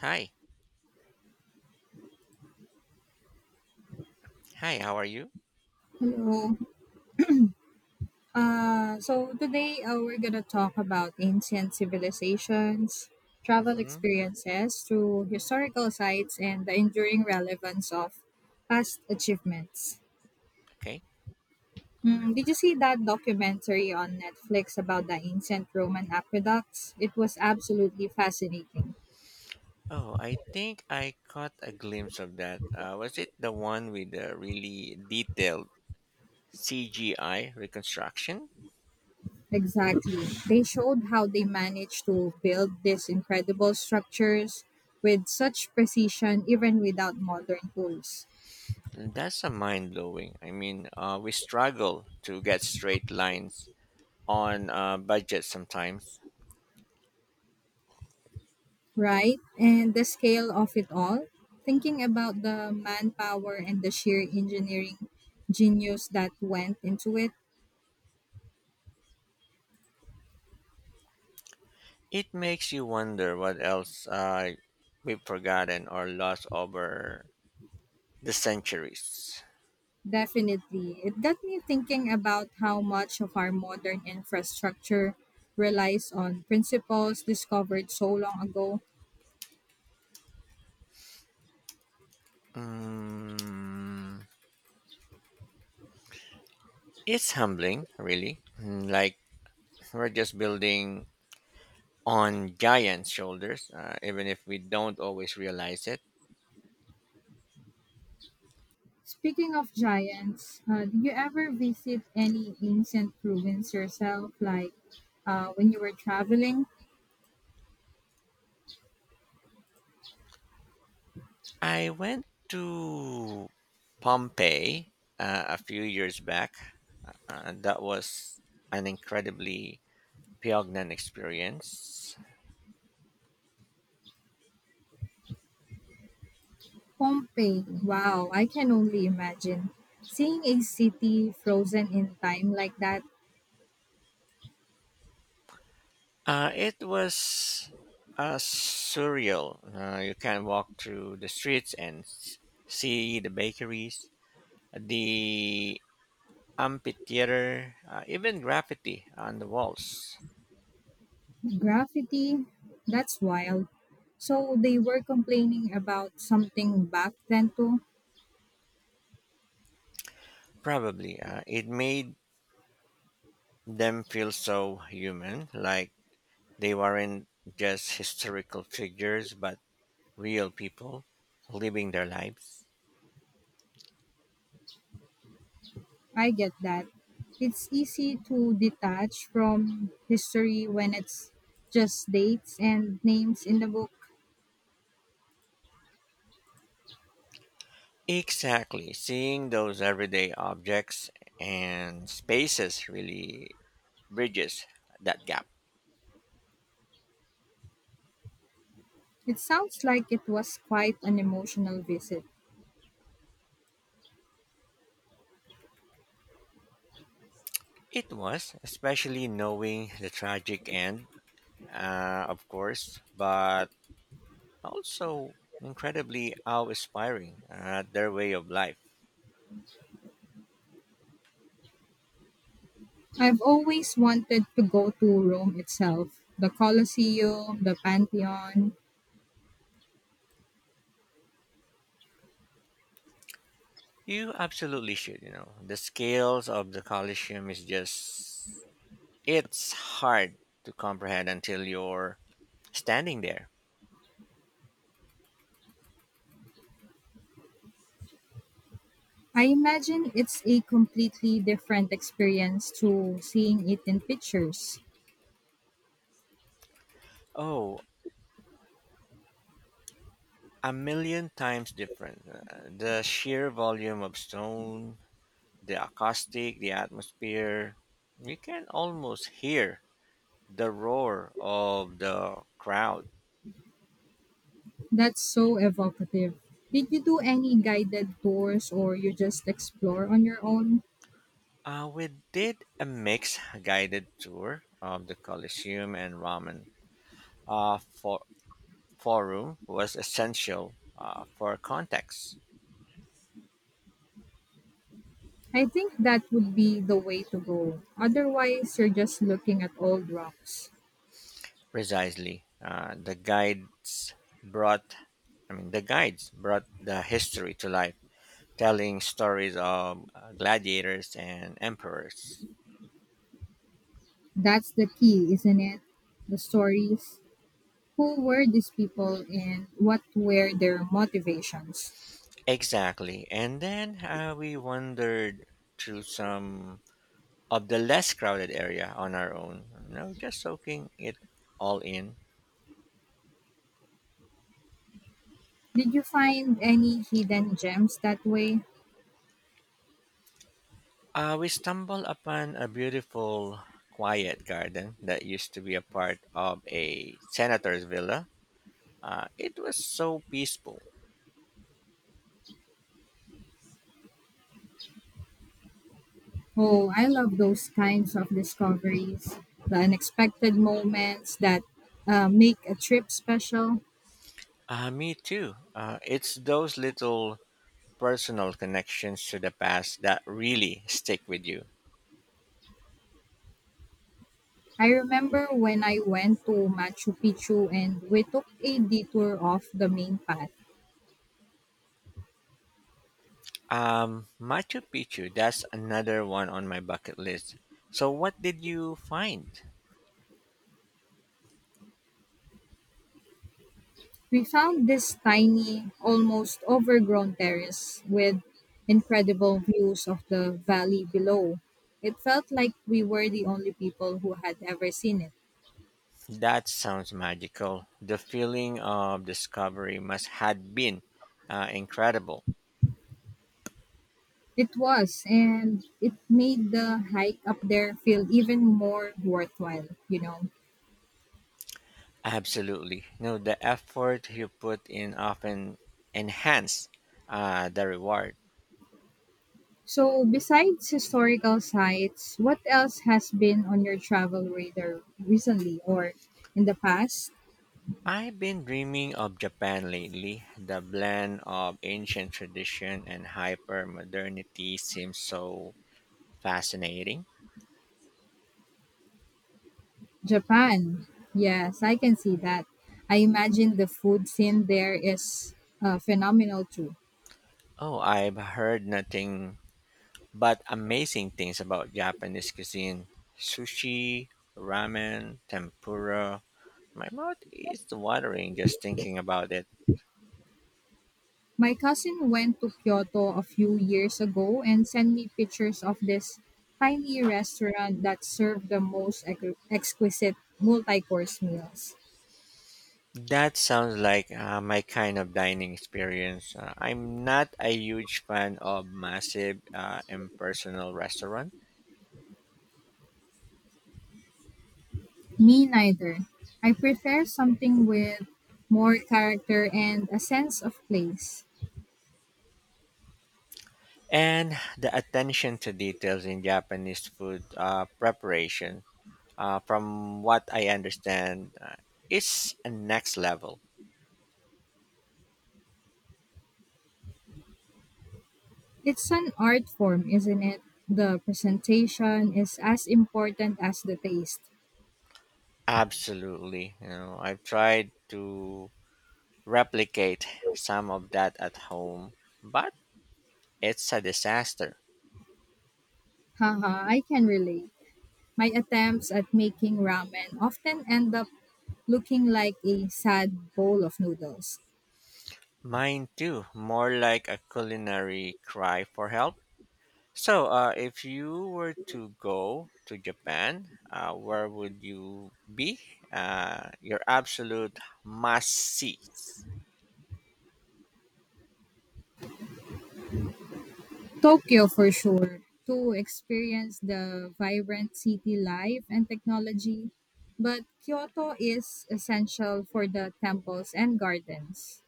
Hi. Hi, how are you? Hello. So today we're gonna talk about ancient civilizations, travel Mm-hmm. experiences to historical sites, and the enduring relevance of past achievements. Okay. Did you see that documentary on Netflix about the ancient Roman aqueducts? It was absolutely fascinating. Oh, I think I caught a glimpse of that. Was it the one with the really detailed CGI reconstruction? Exactly. They showed how they managed to build these incredible structures with such precision, even without modern tools. That's a mind blowing. We struggle to get straight lines on budget sometimes. Right? And the scale of it all, thinking about the manpower and the sheer engineering genius that went into it, It makes you wonder what else we've forgotten or lost over the centuries. definitely. It got me thinking about how much of our modern infrastructure relies on principles discovered so long ago. Mm, it's humbling, really. Like we're just building on giant shoulders, even if we don't always realize it. Speaking of giants, do you ever visit any ancient ruins yourself, like when you were traveling? I went to Pompeii a few years back, and that was an incredibly poignant experience. Pompeii, wow, I can only imagine. Seeing a city frozen in time like that, It was surreal. You can walk through the streets and see the bakeries, the amphitheater, even graffiti on the walls. graffiti, that's wild. So they were complaining about something back then too. Probably. It made them feel so human, like they weren't just historical figures, but real people living their lives. I get that. It's easy to detach from history when it's just dates and names in the book. Exactly. Seeing those everyday objects and spaces really bridges that gap. It sounds like it was quite an emotional visit. It was, especially knowing the tragic end, of course, but also incredibly awe inspiring their way of life. I've always wanted to go to Rome itself, the Colosseum, the Pantheon. You absolutely should, you know. The scales of the Colosseum is just it's hard to comprehend until you're standing there. I imagine it's a completely different experience to seeing it in pictures. Oh, a million times different. The sheer volume of stone, the acoustic, the atmosphere. You can almost hear the roar of the crowd. That's so evocative. Did you do any guided tours or you just explore on your own? We did a mixed guided tour of the Colosseum and Ramen. Uh, for Forum was essential for context. I think that would be the way to go. Otherwise, you're just looking at old rocks. Precisely, the guides brought I mean the guides brought the history to life, telling stories of gladiators and emperors. That's the key, isn't it? The stories. Who were these people and what were their motivations? Exactly, and then we wandered through some of the less crowded area on our own. You know, just soaking it all in. Did you find any hidden gems that way? We stumbled upon a beautiful, quiet garden that used to be a part of a senator's villa. It was so peaceful. Oh, I love those kinds of discoveries, the unexpected moments that make a trip special. Me too. It's those little personal connections to the past that really stick with you. I remember when I went to Machu Picchu and we took a detour off the main path. Machu Picchu, that's another one on my bucket list. So, what did you find? We found this tiny, almost overgrown terrace with incredible views of the valley below. It felt like we were the only people who had ever seen it. That sounds magical. The feeling of discovery must had been incredible. It was, and it made the hike up there feel even more worthwhile, you know. Absolutely. No, the effort you put in often enhance the reward. So, besides historical sites, what else has been on your travel radar recently or in the past? I've been dreaming of Japan lately. The blend of ancient tradition and hyper modernity seems so fascinating. Japan. Yes, I can see that. I imagine the food scene there is phenomenal too. Oh, I've heard nothing but amazing things about Japanese cuisine, sushi, ramen, tempura. My mouth is watering just thinking about it. My cousin went to Kyoto a few years ago and sent me pictures of this tiny restaurant that served the most exquisite multi course meals. That sounds like my kind of dining experience. I'm not a huge fan of massive, impersonal restaurant, Me neither. I prefer something with more character and a sense of place. and the attention to details in Japanese food preparation, from what I understand, is a next level. It's an art form, isn't it? The presentation is as important as the taste. Absolutely, you know, I've tried to replicate some of that at home, but it's a disaster. Haha, I can relate. My attempts at making ramen often end up looking like a sad bowl of noodles. Mine too, more like a culinary cry for help. So, if you were to go to Japan, where would you be? Your absolute must sees. Tokyo for sure. To experience the vibrant city life and technology, but Kyoto is essential for the temples and gardens.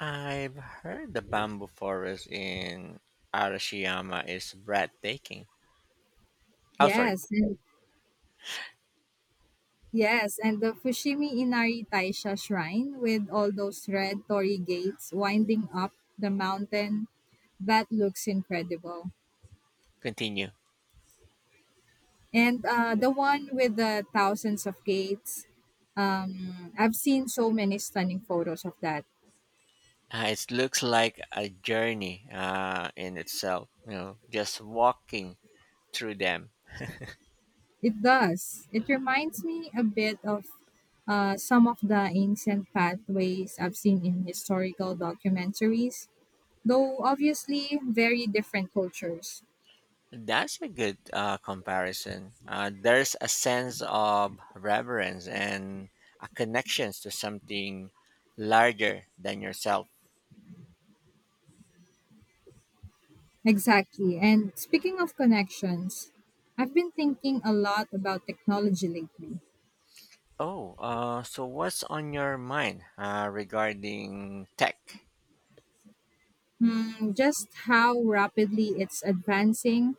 I've heard the bamboo forest in Arashiyama is breathtaking. Oh, sorry. Yes, and yes, and the Fushimi Inari Taisha shrine with all those red torii gates winding up the mountain, that looks incredible. Continue. And the one with the thousands of gates, I've seen so many stunning photos of that. It looks like a journey in itself. You know, just walking through them. It does. It reminds me a bit of some of the ancient pathways I've seen in historical documentaries, though obviously very different cultures. That's a good comparison. There's a sense of reverence and a connections to something larger than yourself. Exactly. And speaking of connections, I've been thinking a lot about technology lately. Oh, so what's on your mind regarding tech? Just how rapidly it's advancing.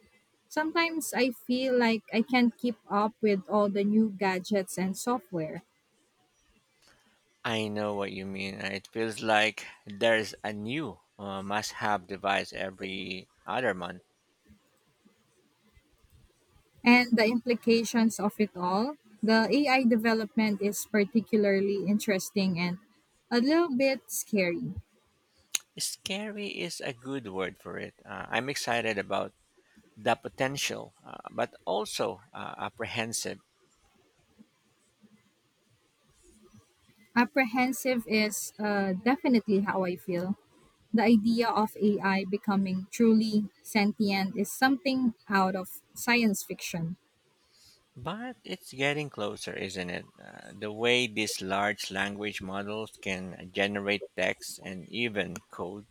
Sometimes I feel like I can't keep up with all the new gadgets and software I know what you mean. It feels like there's a new must-have device every other month. and the implications of it all. The AI development is particularly interesting and a little bit scary. Scary is a good word for it. I'm excited about the potential, but also apprehensive. Apprehensive is definitely how I feel. The idea of AI becoming truly sentient is something out of science fiction. But it's getting closer, isn't it? The way these large language models can generate text and even code.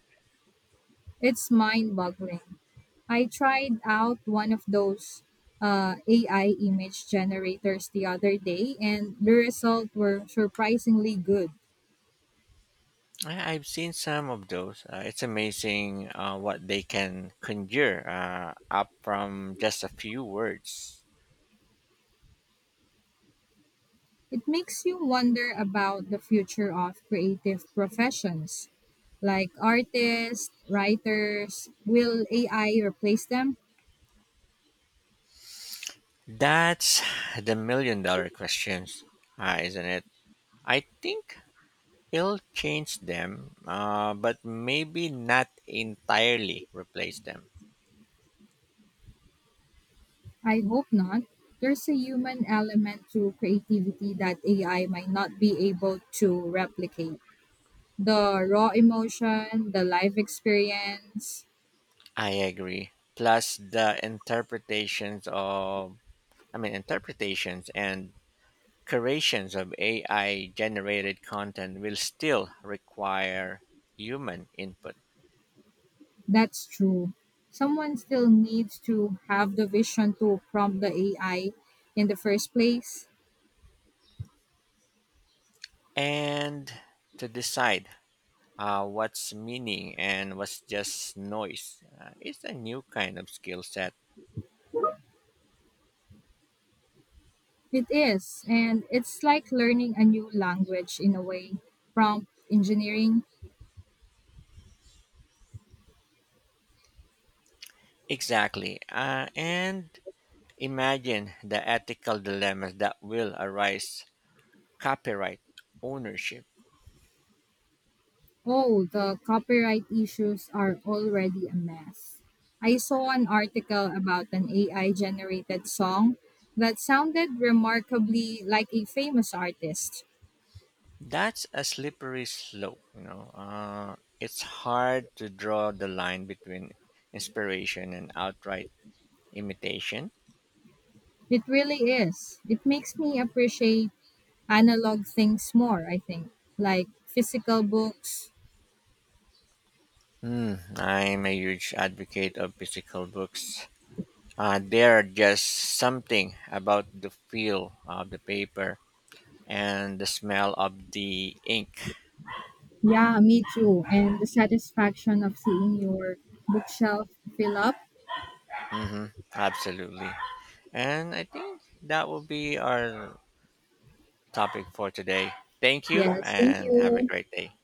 It's mind boggling. I tried out one of those AI image generators the other day, and the results were surprisingly good. I've seen some of those. It's amazing what they can conjure up from just a few words. It makes you wonder about the future of creative professions. Like artists, writers, will AI replace them? That's the million-dollar questions, isn't it? I think it'll change them, but maybe not entirely replace them. I hope not. There's a human element to creativity that AI might not be able to replicate. The raw emotion, the life experience, I agree. Plus the interpretations of, I mean, interpretations and creations of AI generated content will still require human input, that's true. Someone still needs to have the vision to prompt the AI in the first place. and to decide what's meaning and what's just noise. It's a new kind of skill set. It is, and it's like learning a new language in a way. Prompt engineering. Exactly. And imagine the ethical dilemmas that will arise, copyright ownership. Oh, the copyright issues are already a mess. I saw an article about an AI generated song that sounded remarkably like a famous artist. That's a slippery slope, you know. It's hard to draw the line between inspiration and outright imitation. It really is. It makes me appreciate analog things more, I think, like physical books. Hmm, I'm a huge advocate of physical books. There are just something about the feel of the paper and the smell of the ink. Yeah, me too. And the satisfaction of seeing your bookshelf fill up. Hmm, absolutely. And I think that will be our topic for today. Thank you Yes, thank and have a you. great day.